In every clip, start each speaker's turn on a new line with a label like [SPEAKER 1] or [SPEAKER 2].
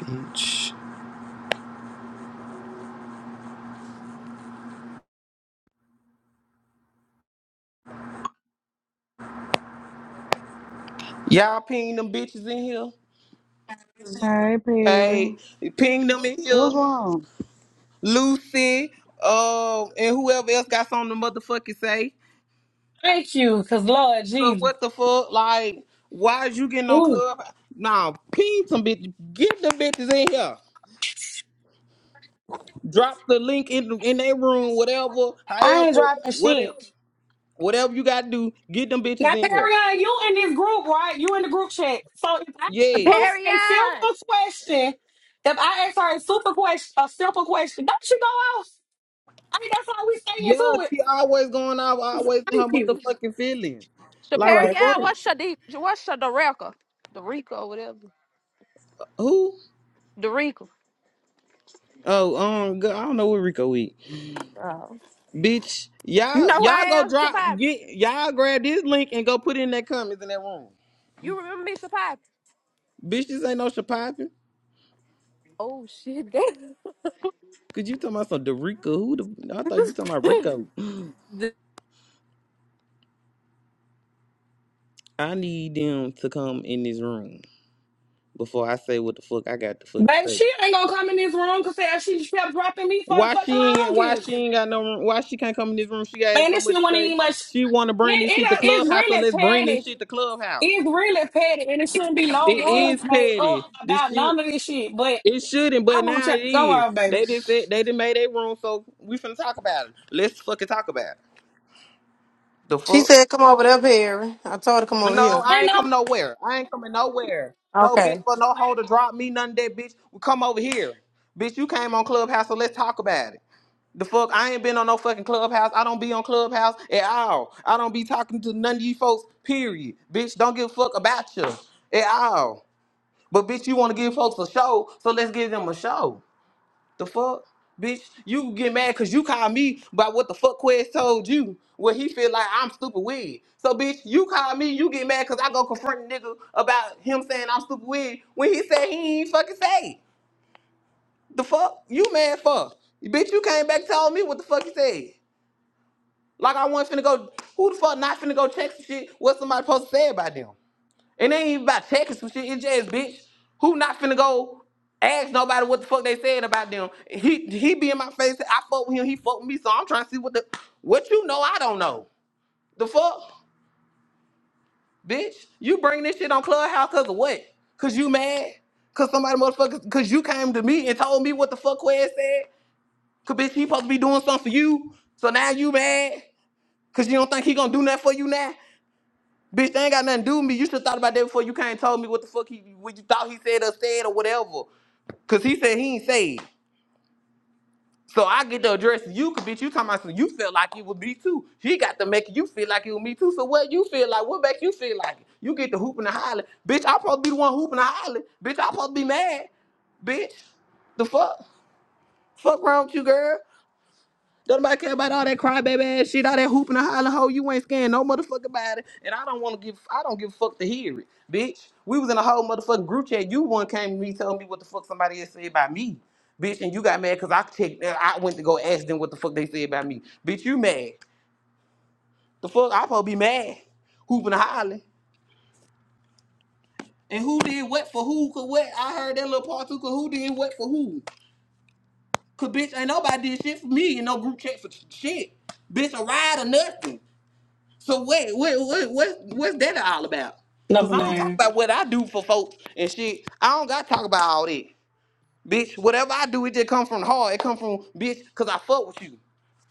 [SPEAKER 1] Bitch. Y'all ping them bitches in here.
[SPEAKER 2] Hey, Perry.
[SPEAKER 1] Hey, ping them in here.
[SPEAKER 2] What's wrong?
[SPEAKER 1] Lucy, uh, and whoever else got something to motherfucking say.
[SPEAKER 3] Thank you, because Lord
[SPEAKER 1] Cause
[SPEAKER 3] Jesus.
[SPEAKER 1] what the fuck? Like, why is you getting on
[SPEAKER 3] Ooh,
[SPEAKER 1] club? Nah, ping some bitches. Get the bitches in here. Drop the link in in their room, whatever,
[SPEAKER 3] I ain't
[SPEAKER 1] however,
[SPEAKER 3] dropping shit.
[SPEAKER 1] whatever, whatever you gotta do. Get them bitches
[SPEAKER 3] Now,
[SPEAKER 1] in here.
[SPEAKER 3] Perion, you in this group, right? You in the group chat. So if I ask
[SPEAKER 1] Yes.
[SPEAKER 3] Lucy a
[SPEAKER 4] Shaparian.
[SPEAKER 3] simple question, if I ask her a super question, a simple question, don't she go off? I mean, that's how we stay
[SPEAKER 1] Yeah,
[SPEAKER 3] into it.
[SPEAKER 1] she always going out, always in her
[SPEAKER 3] Thank you.
[SPEAKER 1] motherfucking feelings.
[SPEAKER 3] All
[SPEAKER 1] Like the
[SPEAKER 3] right.
[SPEAKER 4] Shaparian.
[SPEAKER 1] fuck.
[SPEAKER 4] What's Shadi? What's Shadareka? Dorica or whatever.
[SPEAKER 1] Who?
[SPEAKER 4] Dorica.
[SPEAKER 1] Oh, um, g- I don't know where Rico eat.
[SPEAKER 4] Oh.
[SPEAKER 1] Bitch,
[SPEAKER 4] You
[SPEAKER 1] y'all,
[SPEAKER 4] know who
[SPEAKER 1] y'all
[SPEAKER 4] I
[SPEAKER 1] go
[SPEAKER 4] am?
[SPEAKER 1] drop,
[SPEAKER 4] Shapai.
[SPEAKER 1] get, y'all grab this link and go put it in that comments in that room.
[SPEAKER 4] You remember me, Shapai?
[SPEAKER 1] Bitch, this ain't no Shapappin.
[SPEAKER 4] Oh, shit.
[SPEAKER 1] Cause you talking about some Dorico. Who the, I thought you talking about Rico.
[SPEAKER 4] damn.
[SPEAKER 1] I need them to come in this room before I say what the fuck I got to fucking
[SPEAKER 3] Baby,
[SPEAKER 1] say.
[SPEAKER 3] she ain't gonna come in this room because she kept dropping me for the
[SPEAKER 1] Why
[SPEAKER 3] fucking
[SPEAKER 1] she ain't, why
[SPEAKER 3] longest.
[SPEAKER 1] she ain't got no room, why she can't come in this room? She got
[SPEAKER 3] Man,
[SPEAKER 1] so
[SPEAKER 3] this
[SPEAKER 1] much
[SPEAKER 3] shit
[SPEAKER 1] to
[SPEAKER 3] wasn't
[SPEAKER 1] say.
[SPEAKER 3] even much.
[SPEAKER 1] She want to
[SPEAKER 3] It,
[SPEAKER 1] bring this
[SPEAKER 3] it,
[SPEAKER 1] shit to
[SPEAKER 3] uh, it's
[SPEAKER 1] Clubhouse, so
[SPEAKER 3] really
[SPEAKER 1] let's bring
[SPEAKER 3] petty.
[SPEAKER 1] this shit to Clubhouse.
[SPEAKER 3] It's really petty, and it shouldn't be no
[SPEAKER 1] It
[SPEAKER 3] rules
[SPEAKER 1] is
[SPEAKER 3] made
[SPEAKER 1] petty.
[SPEAKER 3] up
[SPEAKER 1] This
[SPEAKER 3] about
[SPEAKER 1] shit
[SPEAKER 3] none of this shit. But
[SPEAKER 1] It shouldn't,
[SPEAKER 3] I
[SPEAKER 1] but
[SPEAKER 3] want you
[SPEAKER 1] now
[SPEAKER 3] to
[SPEAKER 1] it
[SPEAKER 3] go
[SPEAKER 1] is.
[SPEAKER 3] on, baby.
[SPEAKER 1] They just said they done made their room, so we finna talk about it. Let's fucking talk about it. The
[SPEAKER 5] She
[SPEAKER 1] fuck?
[SPEAKER 5] said, "Come over there, Perry." I told her, "Come over
[SPEAKER 1] No,
[SPEAKER 5] here."
[SPEAKER 1] I
[SPEAKER 3] Ain't
[SPEAKER 1] ain't
[SPEAKER 3] no
[SPEAKER 1] coming nowhere. I ain't coming nowhere. No
[SPEAKER 5] Okay.
[SPEAKER 1] bitch for no hoe to drop me, none of that bitch. We come over here. Bitch, you came on Clubhouse, so let's talk about it. The fuck? I ain't been on no fucking Clubhouse. I don't be on Clubhouse at all. I don't be talking to none of you folks, period. Bitch, don't give a fuck about you at all. But bitch, you wanna give folks a show, so let's give them a show. The fuck, bitch? You get mad because you call me about what the fuck Quest told you. What he feel like I'm stupid with. So, bitch, you call me, you get mad because I go confront a nigga about him saying I'm stupid with when he said he ain't fucking say. it. The fuck? You mad fuck. Bitch, you came back and told me what the fuck you said. Like I wasn't finna go, who the fuck not finna go check some shit what somebody supposed to say about them? And they ain't even about checking some shit. It's just bitch. Who not finna go ask nobody what the fuck they said about them? He he be in my face. I fuck with him. He fuck with me. So I'm trying to see what the what you know. I don't know. The fuck, bitch. You bring this shit on Clubhouse cause of what? Cause you mad? Cause somebody motherfuckers? Cause you came to me and told me what the fuck Quez said? Cause bitch, he supposed to be doing something for you. So now you mad? Cause you don't think he gonna do nothing for you now? Bitch, they ain't got nothing to do with me. You should have thought about that before you came and told me what the fuck he what you thought he said or said or whatever. Cause he said he ain't say it. So I get the address to you, cause bitch, you talking about some you felt like it was me too. He got to make you feel like it was me too. So what you feel like? What makes you feel like it? You get the hooping and the holler. Bitch, I supposed to be the one hooping and hollering. Bitch, I supposed to be mad. Bitch. The fuck? Fuck wrong with you, girl? Don't nobody care about all that crybaby ass shit, all that hooping and hollering hoe. You ain't scared no motherfucker about it. And I don't want to give, I don't give a fuck to hear it, bitch. We was in a whole motherfucking group chat. You one came to me telling me what the fuck somebody else said about me, bitch. And you got mad because I checked, uh, I went to go ask them what the fuck they said about me, bitch. You mad? The fuck? I probably be mad, hooping and hollering. And who did what for who? Cause what? I heard that little part too. Cause who did what for who? Cause bitch, ain't nobody did shit for me in no group chat for shit. Bitch, a ride or nothing. So what what what what what's that all about? Cause
[SPEAKER 3] never
[SPEAKER 1] I don't talk
[SPEAKER 3] mind.
[SPEAKER 1] about what I do for folks and shit. I don't gotta talk about all that. Bitch, whatever I do, it just come from the heart. It come from bitch, cause I fuck with you.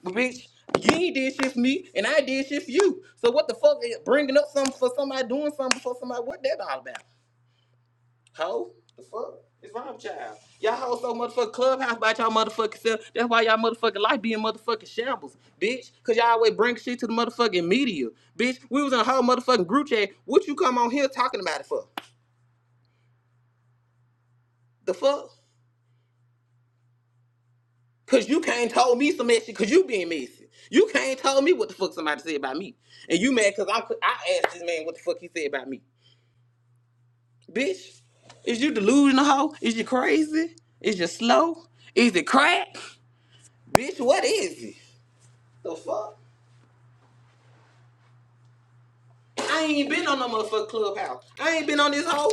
[SPEAKER 1] But bitch, you ain't did shit for me and I did shit for you. So what the fuck is bringing up something for somebody doing something for somebody? What that all about? Ho? The fuck? It's wrong Child. y'all. Y'all hold so motherfucking clubhouse about y'all motherfucking self. That's why y'all motherfucking life be in motherfucking shambles, bitch. Cause y'all always bring shit to the motherfucking media. Bitch, we was in a whole motherfucking group chat. What you come on here talking about it for? The fuck? Cause you can't told me some messy cause you being messy. You can't told me what the fuck somebody said about me. And you mad cause I'm I asked this man what the fuck he said about me. Bitch, is you delusional hoe? Is you crazy? Is you slow? Is it crack? Bitch, what is it? The fuck? I ain't been on no motherfucking clubhouse. I ain't been on this hoe.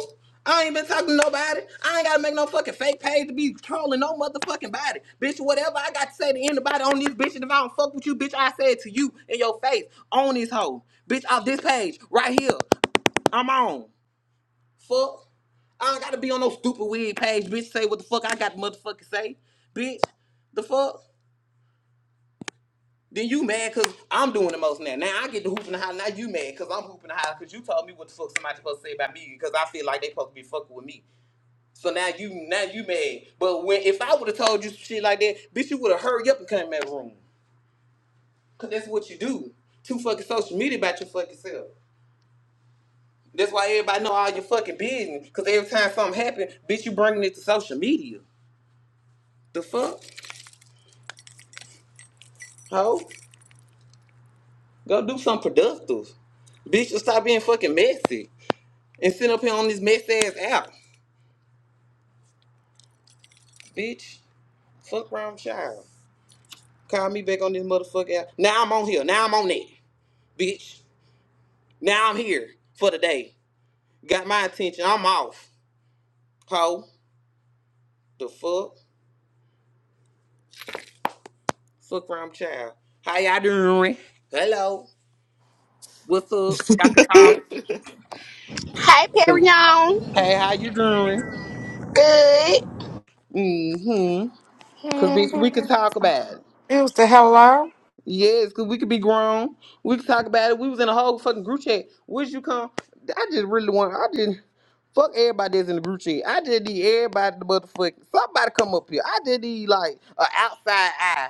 [SPEAKER 1] I ain't been talking to nobody. I ain't gotta make no fucking fake page to be trolling no motherfucking body. Bitch, whatever I got to say to anybody on this bitch, and if I don't fuck with you, bitch, I say it to you in your face on this hoe. Bitch, off this page, right here. I'm on. Fuck. I ain't gotta be on no stupid weird page, bitch. Say what the fuck I got to motherfucking say. Bitch, the fuck? Then you mad because I'm doing the most now. Now I get to hoop and holler. Now you mad because I'm hooping and holler because you told me what the fuck somebody supposed to say about me because I feel like they supposed to be fucking with me. So now you now you mad. But when if I would have told you some shit like that, bitch, you would have hurried up and came in that room. Cause that's what you do. Too fucking social media about your fucking self. That's why everybody know all your fucking business. Cause every time something happen, bitch, you bringing it to social media. The fuck, ho? Go do something productive. Bitch, just stop being fucking messy. and sit up here on this mess ass app, bitch. Fuck around child. Call me back on this motherfucker app. Now I'm on here. Now I'm on it, bitch. Now I'm here for the day. Got my attention. I'm off. Ho, the fuck, fuck around child. How y'all doing? Hello. What's up?
[SPEAKER 6] Hey,
[SPEAKER 1] Y'all do.
[SPEAKER 6] Perignon.
[SPEAKER 1] Hey, how you doing?
[SPEAKER 6] Good.
[SPEAKER 1] Mm-hmm. Cause bitch, we can talk about it.
[SPEAKER 7] It was the hello.
[SPEAKER 1] Yes, cause we could be grown. We could talk about it. We was in a whole fucking group chat. Where'd you come? I just really want. I didn't fuck everybody that's in the group chat. I just need everybody to motherfucking somebody come up here. I just need like an outside eye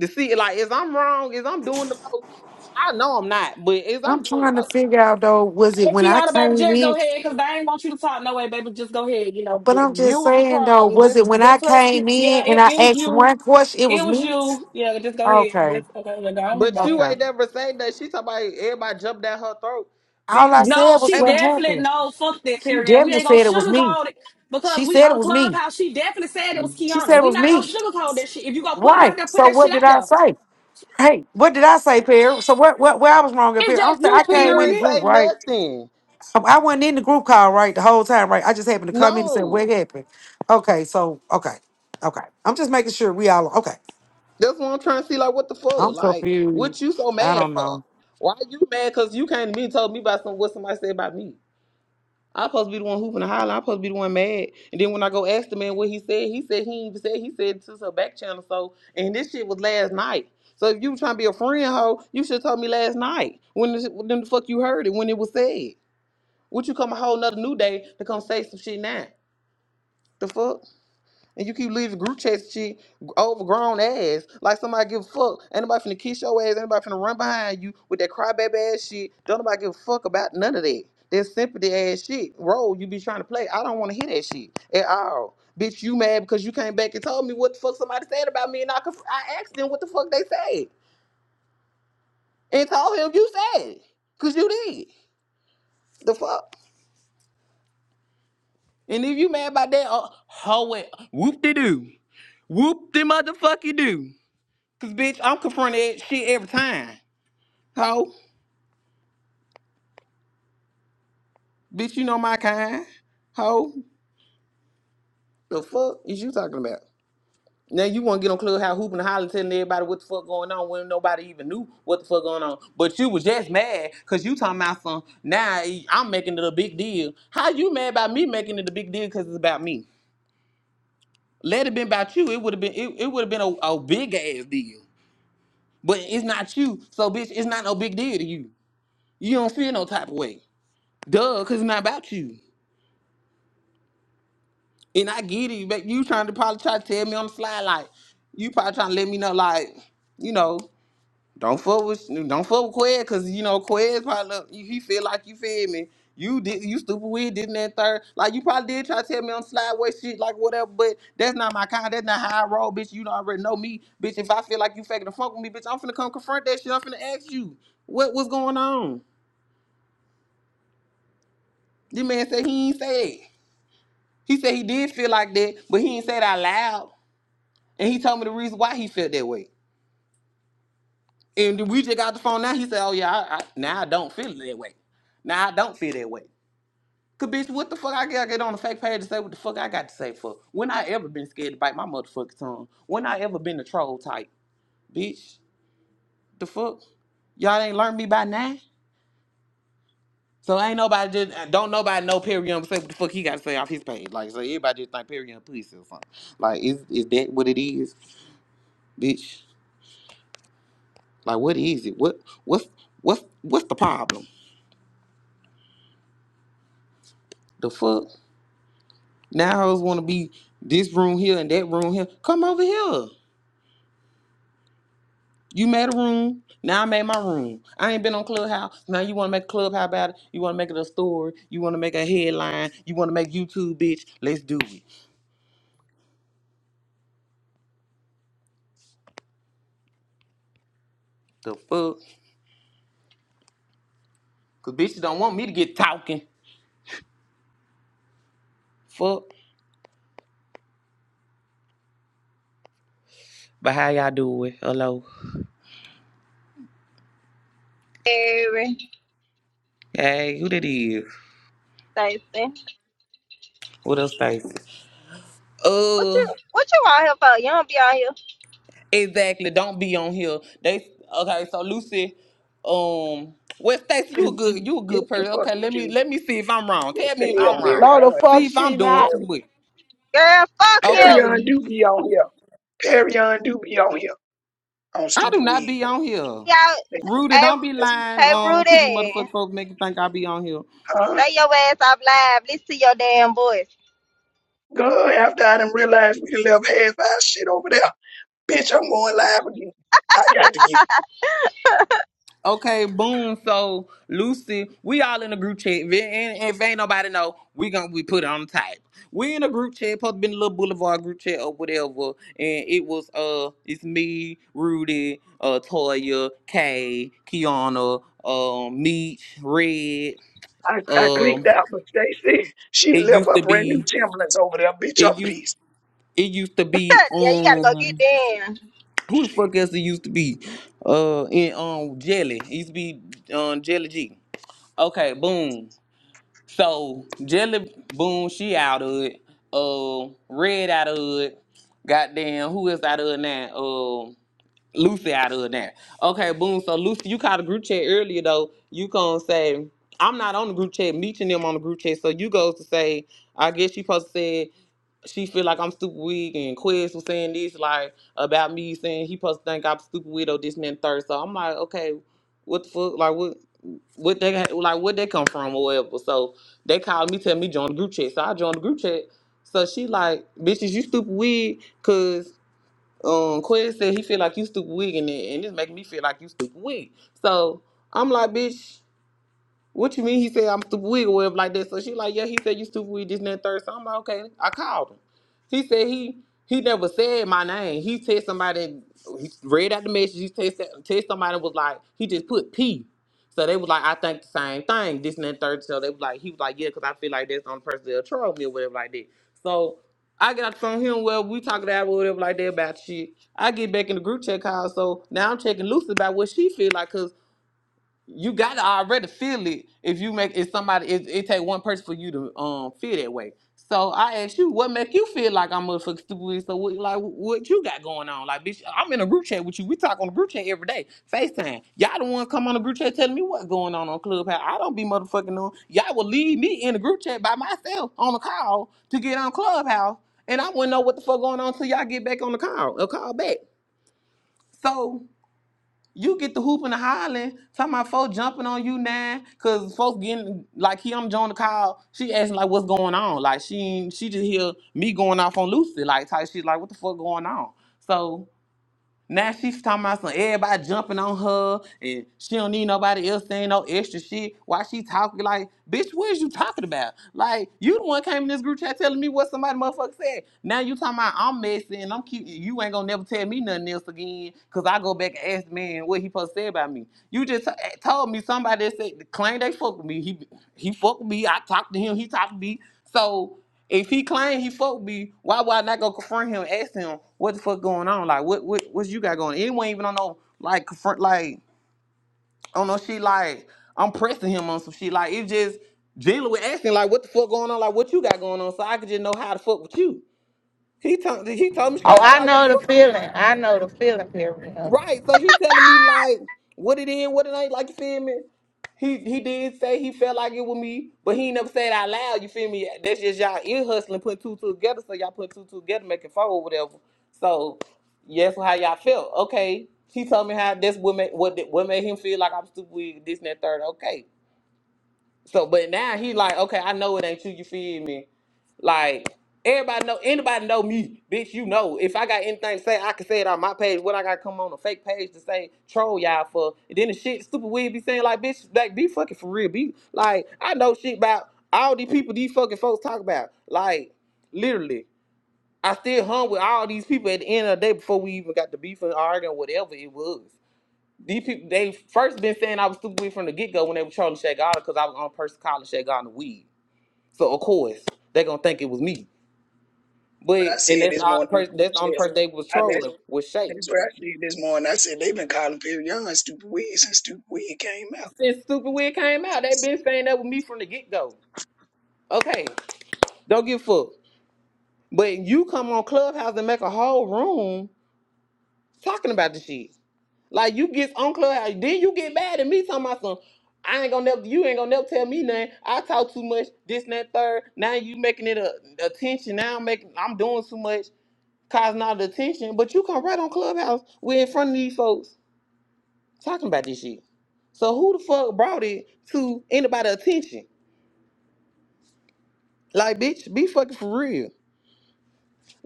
[SPEAKER 1] to see like is I'm wrong? Is I'm doing the most? I know I'm not, but is I'm
[SPEAKER 7] I'm
[SPEAKER 1] doing the
[SPEAKER 7] trying to
[SPEAKER 1] most?
[SPEAKER 7] figure out though, was it
[SPEAKER 3] Hey,
[SPEAKER 7] when I
[SPEAKER 3] Kiana, baby,
[SPEAKER 7] came
[SPEAKER 3] just go
[SPEAKER 7] in?
[SPEAKER 3] ahead, cause they ain't want you to talk no way, baby. Just go ahead. You know,
[SPEAKER 7] But I'm just
[SPEAKER 3] you was the
[SPEAKER 7] saying though,
[SPEAKER 3] problem.
[SPEAKER 7] was
[SPEAKER 3] Just,
[SPEAKER 7] it when I
[SPEAKER 3] just let you.
[SPEAKER 7] came
[SPEAKER 3] Yeah,
[SPEAKER 7] in and
[SPEAKER 3] it,
[SPEAKER 7] I
[SPEAKER 3] it was
[SPEAKER 7] asked
[SPEAKER 3] you.
[SPEAKER 7] one question? It was
[SPEAKER 3] It was
[SPEAKER 7] me.
[SPEAKER 3] you. Yeah, just go ahead.
[SPEAKER 7] Okay,
[SPEAKER 3] Just, okay, yeah, no, I'm in
[SPEAKER 1] But you
[SPEAKER 3] bad.
[SPEAKER 7] okay.
[SPEAKER 1] ain't never say that. She talk about everybody jumped down her throat,
[SPEAKER 7] All
[SPEAKER 1] bitch.
[SPEAKER 7] I said
[SPEAKER 3] No,
[SPEAKER 7] was
[SPEAKER 3] she
[SPEAKER 1] And uh,
[SPEAKER 7] what
[SPEAKER 3] definitely
[SPEAKER 7] happened.
[SPEAKER 3] no. Fuck that,
[SPEAKER 7] She
[SPEAKER 3] Perry. And we
[SPEAKER 7] definitely
[SPEAKER 3] ain't gonna
[SPEAKER 7] said it was me.
[SPEAKER 3] sugarcoat it because
[SPEAKER 7] She
[SPEAKER 3] we
[SPEAKER 7] said it
[SPEAKER 3] on
[SPEAKER 7] was me.
[SPEAKER 3] Clubhouse. She definitely said it was
[SPEAKER 7] She said
[SPEAKER 3] Kiana.
[SPEAKER 7] it
[SPEAKER 3] We
[SPEAKER 7] was
[SPEAKER 3] not gonna
[SPEAKER 7] me.
[SPEAKER 3] sugarcoat that shit. If you gonna put it
[SPEAKER 7] Right.
[SPEAKER 3] out there, put
[SPEAKER 7] So
[SPEAKER 3] that
[SPEAKER 7] what
[SPEAKER 3] shit out
[SPEAKER 7] did I
[SPEAKER 3] there.
[SPEAKER 7] say? Hey, what did I say, Pierre? So what? What? Where I was wrong up here?
[SPEAKER 3] It's
[SPEAKER 7] I'm
[SPEAKER 3] just
[SPEAKER 7] saying
[SPEAKER 3] you,
[SPEAKER 7] I
[SPEAKER 1] you
[SPEAKER 7] came in the
[SPEAKER 1] ain't
[SPEAKER 3] period.
[SPEAKER 7] group,
[SPEAKER 1] say
[SPEAKER 7] right?
[SPEAKER 1] nothing.
[SPEAKER 7] Um, I wasn't in the group call, right, the whole time, right? I just happened to come in and say,
[SPEAKER 1] No.
[SPEAKER 7] what happened? Okay, so, okay, okay. I'm just making sure we all, okay.
[SPEAKER 1] That's what I'm trying to see. Like, what the fuck?
[SPEAKER 7] I'm
[SPEAKER 1] Like,
[SPEAKER 7] confused.
[SPEAKER 1] what you so
[SPEAKER 7] I
[SPEAKER 1] mad
[SPEAKER 7] don't
[SPEAKER 1] for?
[SPEAKER 7] know.
[SPEAKER 1] Why you mad? Cause you came to me and told me about some what somebody said about me. I'm supposed to be the one hooping and hollering. I'm supposed to be the one mad. And then when I go ask the man what he said, he said he even said he said to her back channel. So and this shit was last night. So if you trying to be a friend, hoe, you should have told me last night when the, when the fuck you heard it when it was said. Would you come a whole nother new day to come say some shit now? The fuck? And you keep leaving group chats shit overgrown ass. Like somebody give a fuck. Ain't nobody finna kiss your ass. Ain't nobody finna run behind you with that crybaby ass shit. Don't nobody give a fuck about none of that. That sympathy ass shit. Role you be trying to play. I don't wanna hear that shit at all. Bitch, you mad because you came back and told me what the fuck somebody said about me and I could, I asked them what the fuck they said. And told him you said it. Cause you did. The fuck? And if you mad about that, uh, hoe it. Whoop de doo. Whoop de motherfucking do. Cause bitch, I'm confronted at shit every time. Ho, bitch, you know my kind. Ho, the fuck is you talking about? Now you want to get on Clubhouse hooping and hollering, telling everybody what the fuck going on when nobody even knew what the fuck going on. But you was just mad because you talking about some. Now I'm making it a big deal. How you mad about me making it a big deal because it's about me? Let it been about you, it would have been it, it would have been a, a big ass deal. But it's not you, so bitch, it's not no big deal to you. You don't feel no type of way. Duh, cause it's not about you. And I get it, but you trying to probably try to tell me on the slide, like you probably trying to let me know, like you know, don't fuck with, don't fuck with Quez, cause you know Quez probably he he feel like you feel me. You did, you stupid weird, didn't that third? Like you probably did try to tell me on the slide what shit, like whatever. But that's not my kind. That's not how I roll, bitch. You don't already know me, bitch. If I feel like you faking the fuck with me, bitch, I'm finna come confront that shit. I'm finna ask you what was going on. This man said he ain't say it. He said he did feel like that, but he ain't say it out loud. And he told me the reason why he felt that way. And we just got the phone now. He said, Oh yeah, I, I, now I don't feel that way. Now I don't feel that way. Cause bitch, what the fuck I gotta get on a fake page to say what the fuck I got to say for? When I ever been scared to bite my motherfucking tongue? When I ever been a troll type? Bitch, the fuck? Y'all ain't learned me by now? So ain't nobody just uh, don't nobody know Perry Young say what the fuck he got to say off his page. Like so everybody just think Perry Young pussy or something. Like is is that what it is, bitch? Like what is it? What what's what's what's the problem? The fuck? Now hoes want to be this room here and that room here. Come over here. You made a room. Now I made my room. I ain't been on Clubhouse. Now you want to make a Clubhouse about it. You want to make it a story. You want to make a headline. You want to make YouTube, bitch. Let's do it. The fuck? Cause bitches don't want me to get talking. Fuck. But how y'all do it? Hello.
[SPEAKER 8] Every
[SPEAKER 1] Hey, who that is?
[SPEAKER 8] Thursday.
[SPEAKER 1] What up, Stacey?
[SPEAKER 8] What
[SPEAKER 1] Uh.
[SPEAKER 8] you what you out here for? You don't be out here.
[SPEAKER 1] Exactly. Don't be on here. They okay. So Lucy, um, well, Stacey, you a good, you a
[SPEAKER 9] Yes,
[SPEAKER 1] good
[SPEAKER 9] the
[SPEAKER 1] person.
[SPEAKER 9] fuck
[SPEAKER 1] Okay,
[SPEAKER 9] he
[SPEAKER 1] let me
[SPEAKER 9] do.
[SPEAKER 1] let me see if I'm wrong.
[SPEAKER 9] Yes,
[SPEAKER 1] Tell
[SPEAKER 9] the
[SPEAKER 1] me if
[SPEAKER 9] hell
[SPEAKER 10] No,
[SPEAKER 1] I'm wrong.
[SPEAKER 10] the
[SPEAKER 9] Perion
[SPEAKER 10] fuck
[SPEAKER 1] See
[SPEAKER 9] do.
[SPEAKER 1] if I'm
[SPEAKER 10] she
[SPEAKER 1] doing
[SPEAKER 10] not.
[SPEAKER 1] too much.
[SPEAKER 8] Girl, fuck
[SPEAKER 9] Perry,
[SPEAKER 1] Okay,
[SPEAKER 9] Perion
[SPEAKER 8] you.
[SPEAKER 9] do be on here. Perion do be on here on
[SPEAKER 1] I do
[SPEAKER 9] stupid
[SPEAKER 1] not
[SPEAKER 9] weed.
[SPEAKER 1] be on here.
[SPEAKER 8] Y'all
[SPEAKER 9] They,
[SPEAKER 1] Rudy,
[SPEAKER 8] hey
[SPEAKER 1] don't be
[SPEAKER 9] they,
[SPEAKER 1] lying
[SPEAKER 8] hey
[SPEAKER 1] um to these
[SPEAKER 8] Rudy.
[SPEAKER 1] motherfuckers folks making think I be on here.
[SPEAKER 9] uh,
[SPEAKER 8] Stay your ass off live. Listen to your damn voice.
[SPEAKER 9] God, after I done realized we done left half our shit over there. Bitch, I'm going live again. I got to get.
[SPEAKER 1] Okay, boom. So Lucy, we all in a group chat. If, and if ain't nobody know, we gonna we put it on the type. We in a group chat, supposed to be in a little boulevard group chat or whatever. And it was uh it's me, Rudy, uh Toya, Kay, Kiana, um, Meech, Red.
[SPEAKER 9] I, I clicked
[SPEAKER 1] Um
[SPEAKER 9] out, but they said she
[SPEAKER 1] it
[SPEAKER 9] left
[SPEAKER 1] used
[SPEAKER 9] her
[SPEAKER 1] to
[SPEAKER 9] brand new
[SPEAKER 1] be
[SPEAKER 9] Timberlands over there. Bitch,
[SPEAKER 1] it
[SPEAKER 9] I'm
[SPEAKER 1] used
[SPEAKER 9] peace.
[SPEAKER 1] it used to be
[SPEAKER 8] yeah, you gotta go get
[SPEAKER 1] um
[SPEAKER 8] down.
[SPEAKER 1] who the
[SPEAKER 9] Shit.
[SPEAKER 1] fuck else it used to be? Uh and um Jelly. It used to be um Jelly G. Okay, boom. So Jelly Boom, she out of it. Uh, Red out of it. Goddamn, who is out of it now? Uh, Lucy out of it now. Okay, boom. So Lucy, you caught a group chat earlier though. You gonna say I'm not on the group chat, meeting them on the group chat. So you goes to say, I guess she supposed to say she feel like I'm stupid weak and Quiz was saying this like about me saying he supposed to think I'm stupid weak or this and that and third. So I'm like, okay, what the fuck? Like what? what they had- like What they come from or whatever. So they called me, tell me join the group chat. So I joined the group chat. So she like, bitches, you stupid wig, cause um Quez said he feel like you stupid wig and it, and it's making me feel like you stupid wig. So I'm like, bitch. What you mean? He said I'm stupid wig or whatever like that. So she like, yeah, he said you stupid wig, this and that third. So I'm like, okay, I called him. He said he he never said my name. He said somebody he read out the message. He text text somebody was like he just put P. So they was like, I think the same thing, this and that third. So they was like, he was like, yeah, because I feel like that's the only person that'll troll me or whatever like that. So I got from him, well, we talking about whatever like that about shit. I get back in the group chat call, so now I'm checking Lucy about what she feel like 'cause you gotta already feel it if you make it somebody it, it take one person for you to um feel that way so i asked you what make you feel like i'm motherfucking stupid so what like what you got going on like bitch i'm in a group chat with you we talk on the group chat every day facetime y'all the ones come on the group chat telling me what's going on on clubhouse i don't be motherfucking on y'all will leave me in the group chat by myself on a call to get on clubhouse and i wouldn't know what the fuck going on till y'all get back on the call a call back so you get the hooping and hollering, talking about folks jumping on you now, cause folks getting like here I'm Jonah Kyle. She asking like what's going on? Like she ain't- she just hear me going off on Lucy, like type shit like what the fuck going on. So now she's talking about some everybody jumping on her and she don't need nobody else saying no extra shit. Why she talking like, bitch, what is you talking about? Like, you the one came in this group chat telling me what somebody motherfucker said. Now you talking about I'm messy and I'm cute. You ain't gonna never tell me nothing else again because I go back and ask the man what he supposed to say about me. You just t- eh, told me somebody that said, claim they fuck with me. He, he fuck with me. I talked to him. He talked to me. So if he claimed he fucked me, why would I not go confront him, and ask him what the fuck going on? Like what what what you got going? on? Anyone even on no like confront like on no shit like I'm pressing him on some shit. Like it just Jalen was asking like what the fuck going on, like what you got going on, so I could just know how to fuck with you. He told he told me
[SPEAKER 10] Oh,
[SPEAKER 1] straight up
[SPEAKER 10] I
[SPEAKER 1] like what the
[SPEAKER 10] know the
[SPEAKER 1] fuck
[SPEAKER 10] feeling. I know the feeling, period.
[SPEAKER 1] Right. So he telling me like what it is, what it ain't, like you feel me? He he did say he felt like it with me, but he ain't never said it out loud. You feel me? That's just y'all ear hustling, putting two two together. So y'all put two two together, making four or whatever. So yes, how y'all felt? Okay. He told me how that's what made what what made him feel like I'm stupid. This and that third. Okay. So, but now he like, okay, I know it ain't you. You feel me? Like everybody know, anybody know me, bitch. You know, if I got anything to say, I can say it on my page. What I got to come on a fake page to say troll y'all for? And then the shit stupid weird be saying like, bitch, like be fucking for real. Be like, I know shit about all these people these fucking folks talk about. Like literally, I still hung with all these people at the end of the day before we even got to beef and arguing whatever it was. These people, they first been saying I was stupid weed from the get go when they were trolling Shaq Garner because I was on person calling Shaq Garner weed. So of course they gonna think it was me.
[SPEAKER 9] But
[SPEAKER 1] But
[SPEAKER 9] I
[SPEAKER 1] and
[SPEAKER 9] said
[SPEAKER 1] that's
[SPEAKER 9] this
[SPEAKER 1] all the
[SPEAKER 9] morning, in the
[SPEAKER 1] person.
[SPEAKER 9] group
[SPEAKER 1] That's the
[SPEAKER 9] chat,
[SPEAKER 1] only person they was
[SPEAKER 9] I, that,
[SPEAKER 1] trolling was Shaq.
[SPEAKER 9] that's what I said this morning. I said they have been calling Perion stupid weed since stupid weed came out.
[SPEAKER 1] Since stupid weed came out, they been saying that with me from the get go. Okay, don't give a fuck. But you come on Clubhouse and make a whole room talking about the shit. Like you get on Clubhouse, then you get mad at me talking about some. I ain't gonna never. You ain't gonna never tell me nothing. I talk too much. This and that third. Now you making it a attention. Now I'm making. I'm doing too much, causing all the attention. But you come right on Clubhouse. We're in front of these folks talking about this shit. So who the fuck brought it to anybody attention? Like, bitch, be fucking for real.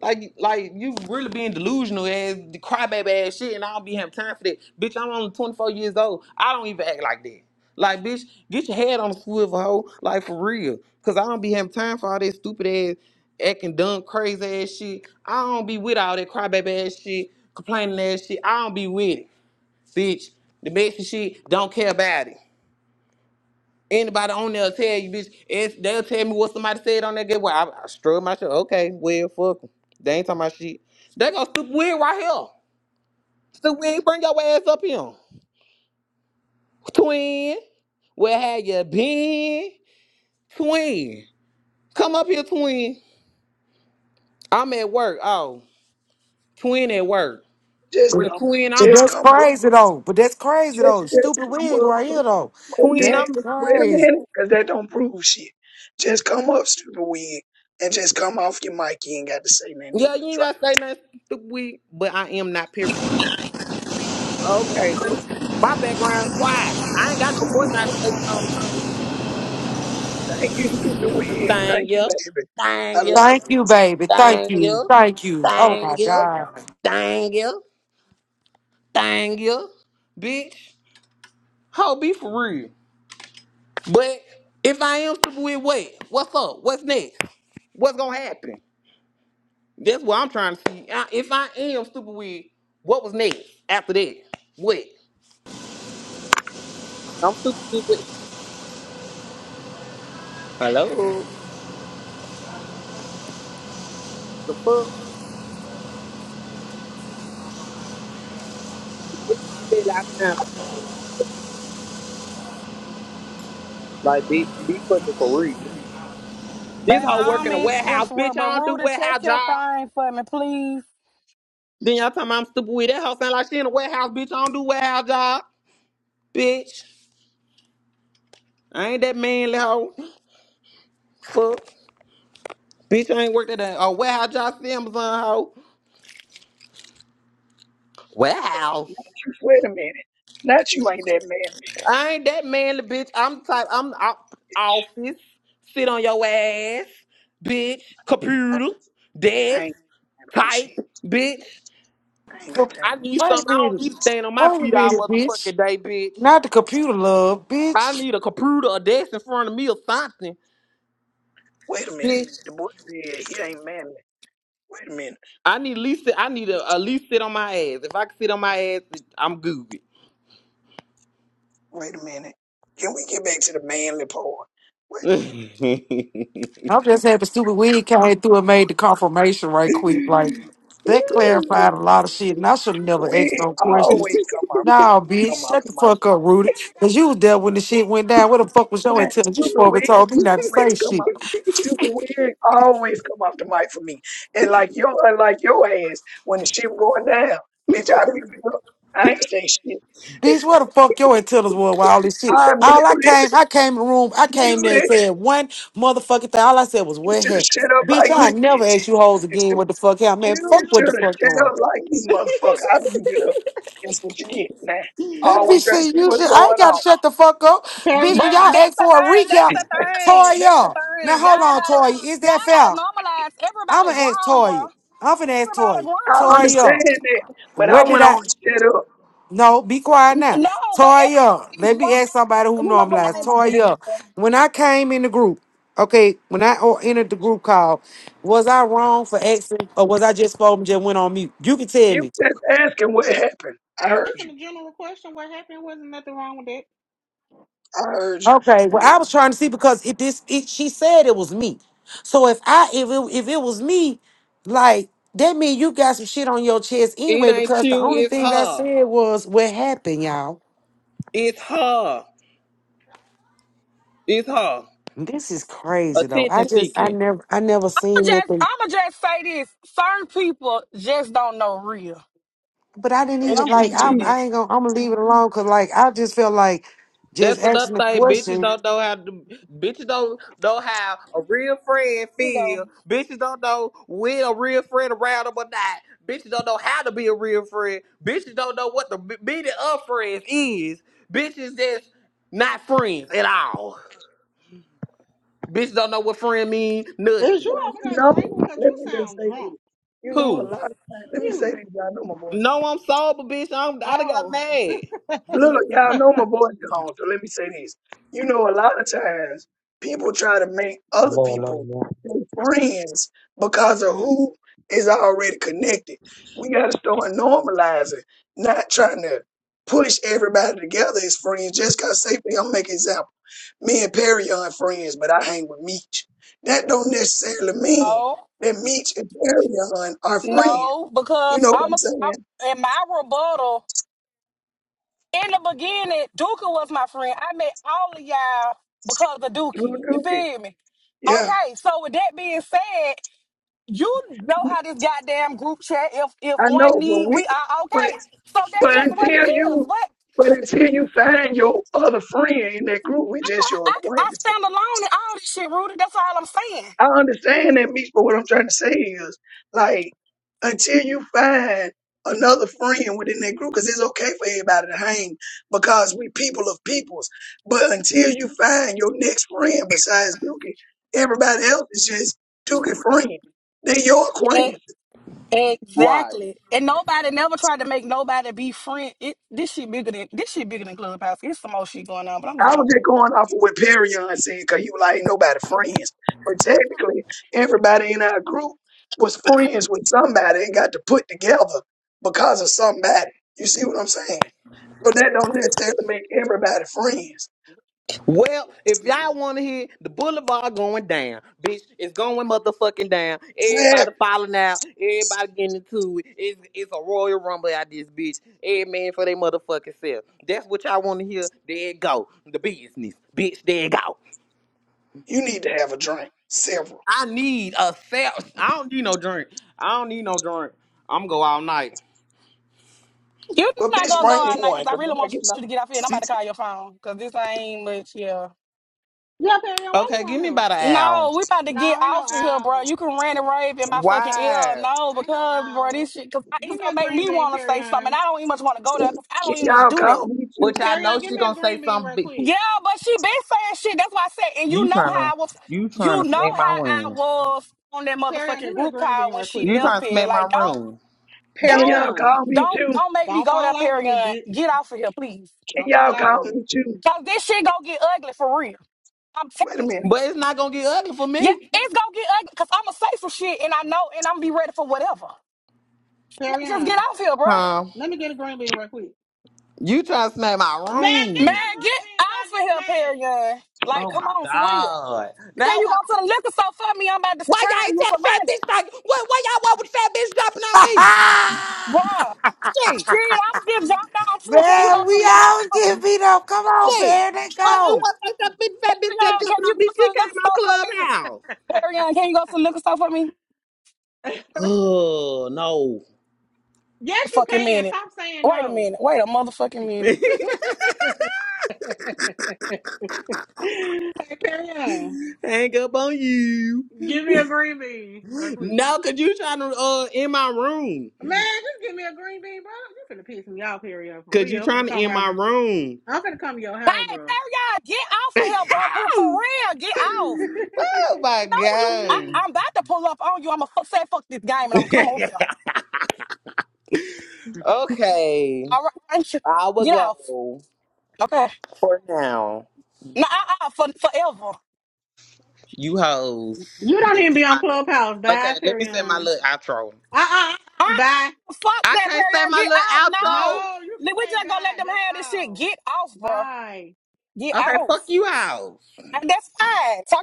[SPEAKER 1] Like, like you really being delusional as the crybaby ass shit, and I don't be having time for that. Bitch, I'm only 24 years old. I don't even act like that. Like, bitch, get your head on a swivel, hoe. Like, for real. Cause I don't be having time for all that stupid ass, acting dumb, crazy ass shit. I don't be with all that crybaby ass shit, complaining ass shit. I don't be with it, bitch. The Mexican shit, don't care about it. Anybody on there will tell you, bitch. It's, they'll tell me what somebody said on that get Well, I, I struggle my shit. Okay, well, fuck 'em. They ain't talking about shit. They gonna stupid weird right here. Stupid weird, bring your ass up here. Twin, where have you been? Twin, come up here, twin. I'm at work. Oh, twin at work.
[SPEAKER 9] Just
[SPEAKER 1] With
[SPEAKER 9] come,
[SPEAKER 1] twin,
[SPEAKER 7] But
[SPEAKER 1] I'm
[SPEAKER 9] just
[SPEAKER 1] out.
[SPEAKER 7] that's
[SPEAKER 9] come up,
[SPEAKER 7] crazy, though. But that's crazy,
[SPEAKER 9] just
[SPEAKER 7] though.
[SPEAKER 9] just
[SPEAKER 7] Stupid
[SPEAKER 9] come
[SPEAKER 7] wig
[SPEAKER 9] up.
[SPEAKER 7] right here, though.
[SPEAKER 9] Wait a
[SPEAKER 1] Twin,
[SPEAKER 7] That's
[SPEAKER 9] minute,
[SPEAKER 1] I'm.
[SPEAKER 9] wait a
[SPEAKER 7] crazy.
[SPEAKER 9] minute, because that don't prove shit. Just come up, stupid wig, and just come off your mic. You ain't got to say nothing. Then
[SPEAKER 1] Yeah,
[SPEAKER 9] you
[SPEAKER 1] you
[SPEAKER 9] can
[SPEAKER 1] ain't
[SPEAKER 9] drop.
[SPEAKER 1] gotta say nothing stupid weird, but I am not period. Okay,
[SPEAKER 9] Yeah, say,
[SPEAKER 1] my background quiet. I ain't got no voice isolation on
[SPEAKER 9] thank you, stupid wig. Thank
[SPEAKER 1] Thank
[SPEAKER 9] you,
[SPEAKER 1] you.
[SPEAKER 9] baby. I
[SPEAKER 1] Thank you.
[SPEAKER 9] love
[SPEAKER 7] Thank
[SPEAKER 9] you.
[SPEAKER 7] you, baby. Thank
[SPEAKER 1] Thank
[SPEAKER 7] you.
[SPEAKER 1] you.
[SPEAKER 7] Thank you. Oh, my
[SPEAKER 1] Thank you.
[SPEAKER 7] God.
[SPEAKER 1] Thank you. Thank you. Bitch. Ho, be for real. But if I am to be wait, what's up? What's next? What's gonna happen? That's what I'm trying to see. I- If I am stupid with, what was next after that? What? I'm stupid with what? Hello? The fuck? Well, let them say that I sound like a girl, so. Like, bitch, be fucking for real. This
[SPEAKER 3] Baby,
[SPEAKER 1] whole
[SPEAKER 3] I
[SPEAKER 1] work
[SPEAKER 3] don't
[SPEAKER 1] in a
[SPEAKER 3] mean to
[SPEAKER 1] warehouse, bitch.
[SPEAKER 3] interrupt, but
[SPEAKER 1] I don't do
[SPEAKER 3] Rudy, check
[SPEAKER 1] warehouse
[SPEAKER 3] your
[SPEAKER 1] job.
[SPEAKER 3] thing for me, please.
[SPEAKER 1] Then y'all talking about I'm stupid with that hoe sound like she in a warehouse, bitch. I don't do warehouse job, bitch. I ain't that manly hoe. Fuck. Bitch, I ain't worked at a, a warehouse job since Amazon hoe.
[SPEAKER 9] Uh,
[SPEAKER 1] Wow.
[SPEAKER 9] not you. Wait a minute, not you ain't that man.
[SPEAKER 1] I ain't that manly, bitch. I'm the type I'm out office. Sit on your ass, bitch.
[SPEAKER 9] I,
[SPEAKER 1] Computer,
[SPEAKER 9] I
[SPEAKER 1] desk,
[SPEAKER 9] ain't time for this
[SPEAKER 1] tight,
[SPEAKER 9] shit.
[SPEAKER 1] bitch.
[SPEAKER 9] I ain't got
[SPEAKER 7] Wait
[SPEAKER 1] I
[SPEAKER 9] time.
[SPEAKER 1] need
[SPEAKER 7] a
[SPEAKER 1] something. I don't
[SPEAKER 7] minute.
[SPEAKER 1] need to stand on my
[SPEAKER 7] Wait a
[SPEAKER 1] feet all
[SPEAKER 7] minute, bitch.
[SPEAKER 1] motherfucking day, bitch.
[SPEAKER 7] Not the computer, love,
[SPEAKER 1] I
[SPEAKER 7] bitch.
[SPEAKER 1] need a computer, a desk in front of me or something,
[SPEAKER 9] Wait a minute.
[SPEAKER 1] bitch.
[SPEAKER 9] The boy said he ain't manly. Wait a minute.
[SPEAKER 1] I need at least I need to at least sit on my ass. If I can sit on my ass, it- I'm goofy.
[SPEAKER 9] Wait a minute. Can we get back to the manly part? Wait a minute.
[SPEAKER 1] it
[SPEAKER 7] I'm just happy stupid wig came through and made the confirmation right quick. Like that clarified a lot of shit, and I should have never
[SPEAKER 9] We
[SPEAKER 7] asked no questions.
[SPEAKER 9] always come after them.
[SPEAKER 7] Nah, bitch,
[SPEAKER 9] Come
[SPEAKER 7] shut
[SPEAKER 9] after
[SPEAKER 7] the
[SPEAKER 9] my
[SPEAKER 7] fuck up,
[SPEAKER 9] Cindy.
[SPEAKER 7] Rudy. Cause you was there when the shit went down. Where the fuck was your
[SPEAKER 9] Man,
[SPEAKER 7] antennas? You
[SPEAKER 9] stupid
[SPEAKER 7] supposed
[SPEAKER 9] wig
[SPEAKER 7] to be told me not to
[SPEAKER 9] always
[SPEAKER 7] say
[SPEAKER 9] come
[SPEAKER 7] shit.
[SPEAKER 9] up. Stupid wig always come after Mike for me. And like your and like your ass when the shit was going down. Bitch, I muted up. I ain't say shit.
[SPEAKER 7] Bitch, where the fuck your antennas were with all this shit?
[SPEAKER 9] I
[SPEAKER 7] All I
[SPEAKER 9] muted,
[SPEAKER 7] came, I came in the room, I came there and
[SPEAKER 9] muted.
[SPEAKER 7] said one motherfucking thing. All I said was
[SPEAKER 9] You
[SPEAKER 7] what
[SPEAKER 9] should have
[SPEAKER 7] happened.
[SPEAKER 9] shut up
[SPEAKER 7] Bitch,
[SPEAKER 9] like
[SPEAKER 7] I
[SPEAKER 9] me,
[SPEAKER 7] ain't never ask
[SPEAKER 9] bitch.
[SPEAKER 7] you hoes again what the fuck happened.
[SPEAKER 9] You
[SPEAKER 7] Man,
[SPEAKER 9] shoulda-
[SPEAKER 7] fuck
[SPEAKER 9] you
[SPEAKER 7] what the
[SPEAKER 9] should have
[SPEAKER 7] fuck going. on.
[SPEAKER 9] shut up like me, motherfucker. I muted up. That's what you get, man. Always trying to
[SPEAKER 7] Everything
[SPEAKER 9] see
[SPEAKER 7] you
[SPEAKER 9] what's
[SPEAKER 7] should, I ain't
[SPEAKER 9] going
[SPEAKER 7] got to
[SPEAKER 9] on.
[SPEAKER 7] shut the fuck up.
[SPEAKER 11] Carry
[SPEAKER 7] Bitch, when
[SPEAKER 3] But
[SPEAKER 7] y'all
[SPEAKER 11] on.
[SPEAKER 3] that's
[SPEAKER 7] ask
[SPEAKER 3] the
[SPEAKER 7] for a
[SPEAKER 3] thing. That's
[SPEAKER 7] recap,
[SPEAKER 3] the thing. That's the
[SPEAKER 7] Toya. Now
[SPEAKER 3] thing. Y'all
[SPEAKER 7] hold on,
[SPEAKER 3] gotta,
[SPEAKER 7] Toya. Is
[SPEAKER 3] y'all
[SPEAKER 7] that fair?
[SPEAKER 3] gotta normalize.
[SPEAKER 7] I'm going
[SPEAKER 3] Everybody
[SPEAKER 7] to ask
[SPEAKER 3] grown, bro.
[SPEAKER 7] Toya. I'm going to ask
[SPEAKER 3] Everybody
[SPEAKER 7] Toya.
[SPEAKER 9] I
[SPEAKER 3] grown.
[SPEAKER 9] understand
[SPEAKER 7] Toya,
[SPEAKER 9] that, but I
[SPEAKER 7] what did
[SPEAKER 9] went on
[SPEAKER 7] I.
[SPEAKER 9] and shut up.
[SPEAKER 7] No, be quiet now.
[SPEAKER 3] No, but
[SPEAKER 7] Toya, let
[SPEAKER 3] everybody's grown.
[SPEAKER 7] me ask somebody who
[SPEAKER 3] You know what? I
[SPEAKER 7] normalized.
[SPEAKER 3] ain't
[SPEAKER 11] Uh,
[SPEAKER 3] gonna do this.
[SPEAKER 7] Toya, when I came in the group, okay, when I or entered the group call, was I wrong for asking or was I just spoken, just went on mute? You can tell
[SPEAKER 9] You
[SPEAKER 7] me.
[SPEAKER 9] just asking what happened. I heard
[SPEAKER 11] asking
[SPEAKER 9] you.
[SPEAKER 11] a general question, what happened? Wasn't nothing wrong with it.
[SPEAKER 9] I heard you.
[SPEAKER 7] Okay, well, I was trying to see because if this, it, she said it was me. So if I, if it, if it was me, like that mean you got some shit on your chest anyway.
[SPEAKER 1] ain't
[SPEAKER 7] Because the
[SPEAKER 1] you,
[SPEAKER 7] only
[SPEAKER 1] it's
[SPEAKER 7] thing I
[SPEAKER 1] her.
[SPEAKER 7] said was what happened, y'all.
[SPEAKER 1] It's her. It's her.
[SPEAKER 7] This is crazy though. I
[SPEAKER 1] Attention
[SPEAKER 7] just, I
[SPEAKER 1] seeking.
[SPEAKER 7] never, I never
[SPEAKER 3] I'ma
[SPEAKER 7] seen
[SPEAKER 3] just,
[SPEAKER 7] nothing.
[SPEAKER 3] I'ma just say this. Certain people just don't know real,
[SPEAKER 7] But I didn't
[SPEAKER 3] and
[SPEAKER 9] That's
[SPEAKER 7] even
[SPEAKER 3] I'm going to
[SPEAKER 7] like.
[SPEAKER 9] true
[SPEAKER 3] leave it
[SPEAKER 7] I,
[SPEAKER 3] at.
[SPEAKER 9] too.
[SPEAKER 3] that.
[SPEAKER 7] I ain't gonna. I'm gonna leave it alone because like I just felt like
[SPEAKER 1] That's
[SPEAKER 7] just
[SPEAKER 1] another
[SPEAKER 7] asking the
[SPEAKER 1] thing. Bitches
[SPEAKER 7] question.
[SPEAKER 1] don't know how to. Bitches don't know how a real friend
[SPEAKER 3] You know,
[SPEAKER 1] feel. Bitches don't know when a real friend around them or not. Bitches don't know how to be a real friend. Bitches don't know what the b- meaning of friends is. Bitches that's not friends at all. Bitch don't know what friend mean.
[SPEAKER 11] Is
[SPEAKER 1] Nothing.
[SPEAKER 11] you
[SPEAKER 9] Well,
[SPEAKER 11] over
[SPEAKER 9] you
[SPEAKER 11] there
[SPEAKER 9] know,
[SPEAKER 11] drinking? Because
[SPEAKER 9] let
[SPEAKER 11] you
[SPEAKER 9] me just
[SPEAKER 11] sound
[SPEAKER 9] say
[SPEAKER 11] drunk.
[SPEAKER 9] this. You know, a
[SPEAKER 1] Who?
[SPEAKER 9] lot of times, let me say
[SPEAKER 11] You.
[SPEAKER 9] this. Y'all know my voice.
[SPEAKER 1] No, I'm sober, bitch. I'm, I done got
[SPEAKER 11] Oh.
[SPEAKER 1] mad.
[SPEAKER 11] yeah,
[SPEAKER 9] Look, y'all
[SPEAKER 11] Perry,
[SPEAKER 9] know my voice gone, so let me say this. You know, a lot of times people try to make other
[SPEAKER 12] Lord, Lord,
[SPEAKER 9] people
[SPEAKER 12] Lord,
[SPEAKER 9] their friends because of who is already connected. We got to start normalizing, not trying to push everybody together as friends just because, say, for- I'm making example, me and Perry aren't friends, but I hang with Meech. That don't necessarily mean
[SPEAKER 3] no,
[SPEAKER 9] that Meech and Perry are friends.
[SPEAKER 3] no,
[SPEAKER 9] You
[SPEAKER 3] because
[SPEAKER 9] know what
[SPEAKER 3] I'm,
[SPEAKER 9] I'm
[SPEAKER 3] a,
[SPEAKER 9] saying?
[SPEAKER 3] I'm in my rebuttal. in the beginning, Duka was my friend. I met all of y'all because of
[SPEAKER 9] Through
[SPEAKER 3] Dookie. You
[SPEAKER 9] Dookie.
[SPEAKER 3] feel me?
[SPEAKER 9] Yeah.
[SPEAKER 3] Okay, so with that being said, you know how this goddamn group chat. If if
[SPEAKER 9] I
[SPEAKER 3] one
[SPEAKER 9] know, but
[SPEAKER 3] need,
[SPEAKER 9] we,
[SPEAKER 3] we are
[SPEAKER 9] but
[SPEAKER 3] okay. So that's
[SPEAKER 9] but
[SPEAKER 3] just what it
[SPEAKER 9] until
[SPEAKER 3] is.
[SPEAKER 9] you,
[SPEAKER 3] But
[SPEAKER 9] but until you find your other friend in that group, we
[SPEAKER 3] I,
[SPEAKER 9] just your
[SPEAKER 3] I, I
[SPEAKER 9] acquaintances.
[SPEAKER 3] stand alone in all this shit, Rudy. That's all I'm
[SPEAKER 9] I understand that, Meech, but what I'm trying to say is, like, until you find another friend within that group, because it's okay for everybody to hang, because we people of peoples. But until you find your next friend besides Dookie, everybody else is just Dookie friend. They're your
[SPEAKER 3] saying.
[SPEAKER 9] acquaintance.
[SPEAKER 3] E-
[SPEAKER 1] Right.
[SPEAKER 3] Exactly, and nobody never tried to make nobody be friend. It this shit bigger than this shit bigger than Clubhouse. It's some more shit going on, but I'm just
[SPEAKER 9] I
[SPEAKER 3] gonna.
[SPEAKER 9] was just going off of what Perion said because he was like, ain't nobody friends. But technically, everybody in our group was friends with somebody and got to put together because of somebody. You see what I'm saying? But that don't necessarily make everybody friends.
[SPEAKER 1] Well, if y'all want to hear the boulevard going down, bitch, it's going motherfucking down.
[SPEAKER 9] Fab,
[SPEAKER 1] Everybody falling out. Everybody getting into it. It's, it's a royal rumble out this bitch. Every man for their motherfucking self. That's what y'all want to hear. There it go. The business, bitch. There it go.
[SPEAKER 9] you need to have a drink, several.
[SPEAKER 1] I need a self. I don't need no drink. I don't need no drink. I'm gonna go all night.
[SPEAKER 3] You're
[SPEAKER 9] Well,
[SPEAKER 3] not
[SPEAKER 9] bitch,
[SPEAKER 3] gonna go
[SPEAKER 9] bring me
[SPEAKER 3] out night
[SPEAKER 9] one
[SPEAKER 3] because I
[SPEAKER 9] because
[SPEAKER 3] really
[SPEAKER 9] when I
[SPEAKER 3] want
[SPEAKER 9] get my
[SPEAKER 3] you to get off here. And I'm about to call your phone because this ain't much here.
[SPEAKER 11] why
[SPEAKER 1] Okay,
[SPEAKER 11] you
[SPEAKER 1] give
[SPEAKER 11] on
[SPEAKER 1] me
[SPEAKER 11] here?
[SPEAKER 1] about an hour.
[SPEAKER 3] No, we about to get
[SPEAKER 11] No, ain't no
[SPEAKER 3] off of here, bro. You
[SPEAKER 11] owl.
[SPEAKER 3] can rant and rave in my fucking
[SPEAKER 1] Why?
[SPEAKER 3] ear. No,
[SPEAKER 11] Ain't no
[SPEAKER 3] because bro,
[SPEAKER 11] owl.
[SPEAKER 3] this shit, because it's
[SPEAKER 11] Give me a
[SPEAKER 3] gonna make
[SPEAKER 11] green
[SPEAKER 3] me
[SPEAKER 11] bean,
[SPEAKER 3] want to say something.
[SPEAKER 11] Perion.
[SPEAKER 3] I don't even much want to go there
[SPEAKER 9] drink,
[SPEAKER 3] because I
[SPEAKER 9] can
[SPEAKER 3] don't even much
[SPEAKER 9] y'all
[SPEAKER 3] do that.
[SPEAKER 9] call me
[SPEAKER 1] Which
[SPEAKER 9] too?
[SPEAKER 1] I know
[SPEAKER 11] Perion, give
[SPEAKER 1] she
[SPEAKER 11] me a
[SPEAKER 1] gonna say
[SPEAKER 11] green bean
[SPEAKER 1] something.
[SPEAKER 11] right
[SPEAKER 1] Big.
[SPEAKER 11] quick.
[SPEAKER 3] Yeah, but she been saying shit. That's why I said, and you
[SPEAKER 1] You
[SPEAKER 3] know
[SPEAKER 1] trying to
[SPEAKER 3] how I was,
[SPEAKER 1] you trying
[SPEAKER 3] you
[SPEAKER 1] to
[SPEAKER 3] know
[SPEAKER 1] smack my
[SPEAKER 3] how I
[SPEAKER 1] room?
[SPEAKER 3] was on that
[SPEAKER 11] Perion, give
[SPEAKER 3] motherfucking
[SPEAKER 11] me a
[SPEAKER 3] group
[SPEAKER 11] green bean
[SPEAKER 3] call when
[SPEAKER 11] right quick.
[SPEAKER 3] she
[SPEAKER 1] You trying
[SPEAKER 3] left
[SPEAKER 1] to
[SPEAKER 3] here.
[SPEAKER 1] smack my
[SPEAKER 3] Like, don't,
[SPEAKER 1] room?
[SPEAKER 9] Can
[SPEAKER 3] don't,
[SPEAKER 9] y'all
[SPEAKER 11] Perion,
[SPEAKER 9] call me
[SPEAKER 3] don't,
[SPEAKER 9] too?
[SPEAKER 3] don't make me
[SPEAKER 11] don't
[SPEAKER 3] go there,
[SPEAKER 11] fall out with me,
[SPEAKER 3] Perion.
[SPEAKER 11] bitch.
[SPEAKER 3] Get off of here, please.
[SPEAKER 9] Can
[SPEAKER 11] Don't fall
[SPEAKER 9] y'all
[SPEAKER 11] out with
[SPEAKER 9] call
[SPEAKER 11] me.
[SPEAKER 9] me too?
[SPEAKER 3] Cause this shit gonna get ugly for real. I'm
[SPEAKER 9] Wait a
[SPEAKER 3] telling
[SPEAKER 9] minute.
[SPEAKER 3] you.
[SPEAKER 1] But it's not gonna get ugly for
[SPEAKER 3] Yeah,
[SPEAKER 1] me,
[SPEAKER 3] it's gonna get ugly because I'ma say some shit and I know and I'm be ready for whatever. Let's just get
[SPEAKER 11] Perion,
[SPEAKER 3] off here, bro.
[SPEAKER 1] huh?
[SPEAKER 11] let me get a green bean right quick.
[SPEAKER 1] You trying to smack my
[SPEAKER 11] Man, give me
[SPEAKER 1] room?
[SPEAKER 11] a
[SPEAKER 3] Man,
[SPEAKER 11] green
[SPEAKER 3] get
[SPEAKER 11] bean if
[SPEAKER 3] off
[SPEAKER 11] I
[SPEAKER 3] of
[SPEAKER 11] get
[SPEAKER 3] here,
[SPEAKER 11] mad.
[SPEAKER 3] Perion. Like,
[SPEAKER 1] Oh
[SPEAKER 3] come
[SPEAKER 1] my
[SPEAKER 3] on, for real.
[SPEAKER 1] god! Now
[SPEAKER 3] Can you
[SPEAKER 1] why?
[SPEAKER 3] go to the liquor store for me? I'm about to
[SPEAKER 1] Why
[SPEAKER 3] charge
[SPEAKER 1] y'all ain't
[SPEAKER 3] you
[SPEAKER 1] tell
[SPEAKER 3] for
[SPEAKER 1] the fat
[SPEAKER 3] money.
[SPEAKER 1] bitch like what? Why y'all want with fat bitch dropping on me?
[SPEAKER 3] Bruh.
[SPEAKER 1] Shit,
[SPEAKER 3] Shit, I was getting jumped down too. Can you go
[SPEAKER 7] Man,
[SPEAKER 3] to the
[SPEAKER 7] we
[SPEAKER 3] liquor
[SPEAKER 7] all
[SPEAKER 3] store for me?
[SPEAKER 7] get beat up. Come on,
[SPEAKER 1] shit.
[SPEAKER 7] man, let
[SPEAKER 1] Why y'all
[SPEAKER 7] go.
[SPEAKER 1] want that fat bitch, fat bitch that
[SPEAKER 3] Perion, can
[SPEAKER 1] dropping
[SPEAKER 3] you go
[SPEAKER 1] on me? She
[SPEAKER 3] to the
[SPEAKER 1] came
[SPEAKER 3] liquor store for
[SPEAKER 1] out
[SPEAKER 3] me?
[SPEAKER 1] clubhouse.
[SPEAKER 3] Perion, can you go to the liquor store for me?
[SPEAKER 1] Oh no!
[SPEAKER 11] Yes, you
[SPEAKER 3] Fucking
[SPEAKER 11] can.
[SPEAKER 3] minute.
[SPEAKER 11] Stop saying
[SPEAKER 3] Wait a
[SPEAKER 11] no.
[SPEAKER 3] minute. Wait a motherfucking minute.
[SPEAKER 11] Hey, carry on.
[SPEAKER 1] Hang up on you.
[SPEAKER 11] Give me a green bean real quick.
[SPEAKER 1] No, cause you trying to uh in my room.
[SPEAKER 11] Man, just give me a green bean, bro. You finna piss me off, period, For
[SPEAKER 1] Cause you
[SPEAKER 11] real. I'm
[SPEAKER 1] trying
[SPEAKER 11] finna
[SPEAKER 1] to
[SPEAKER 11] come
[SPEAKER 1] in my
[SPEAKER 11] around.
[SPEAKER 1] room.
[SPEAKER 11] I'm finna come to your house,
[SPEAKER 3] Hey,
[SPEAKER 11] bro.
[SPEAKER 3] Perion, get off of here, bro. For for real, get off.
[SPEAKER 1] oh my
[SPEAKER 3] know you. I,
[SPEAKER 1] god.
[SPEAKER 11] you
[SPEAKER 3] I'm about to pull up on you. I'm gonna f- say fuck this game and I'm come over there.
[SPEAKER 1] Okay.
[SPEAKER 3] All right, thank you.
[SPEAKER 1] I will
[SPEAKER 3] Get off.
[SPEAKER 1] go
[SPEAKER 3] Okay.
[SPEAKER 1] for now.
[SPEAKER 3] No, uh, uh, for forever.
[SPEAKER 1] you hoes.
[SPEAKER 11] don't
[SPEAKER 1] But
[SPEAKER 11] even
[SPEAKER 1] keep
[SPEAKER 11] be on
[SPEAKER 1] my-
[SPEAKER 11] Clubhouse.
[SPEAKER 1] Okay,
[SPEAKER 11] Bye,
[SPEAKER 1] let me say my
[SPEAKER 11] period.
[SPEAKER 1] little outro.
[SPEAKER 11] uh uh. uh,
[SPEAKER 3] Uh,
[SPEAKER 11] Bye.
[SPEAKER 3] fuck
[SPEAKER 1] I
[SPEAKER 3] that,
[SPEAKER 1] can't say
[SPEAKER 3] Perry.
[SPEAKER 1] my
[SPEAKER 3] Get
[SPEAKER 1] little
[SPEAKER 3] off. No,
[SPEAKER 11] No, you can
[SPEAKER 3] Li- we
[SPEAKER 11] say
[SPEAKER 3] just gonna let
[SPEAKER 11] bye.
[SPEAKER 3] them
[SPEAKER 11] That's
[SPEAKER 3] have this shit.
[SPEAKER 11] all.
[SPEAKER 3] Get off, bro.
[SPEAKER 11] Bye.
[SPEAKER 3] Get
[SPEAKER 1] outro. Okay, fuck
[SPEAKER 3] off.
[SPEAKER 1] you out.
[SPEAKER 3] And that's fine.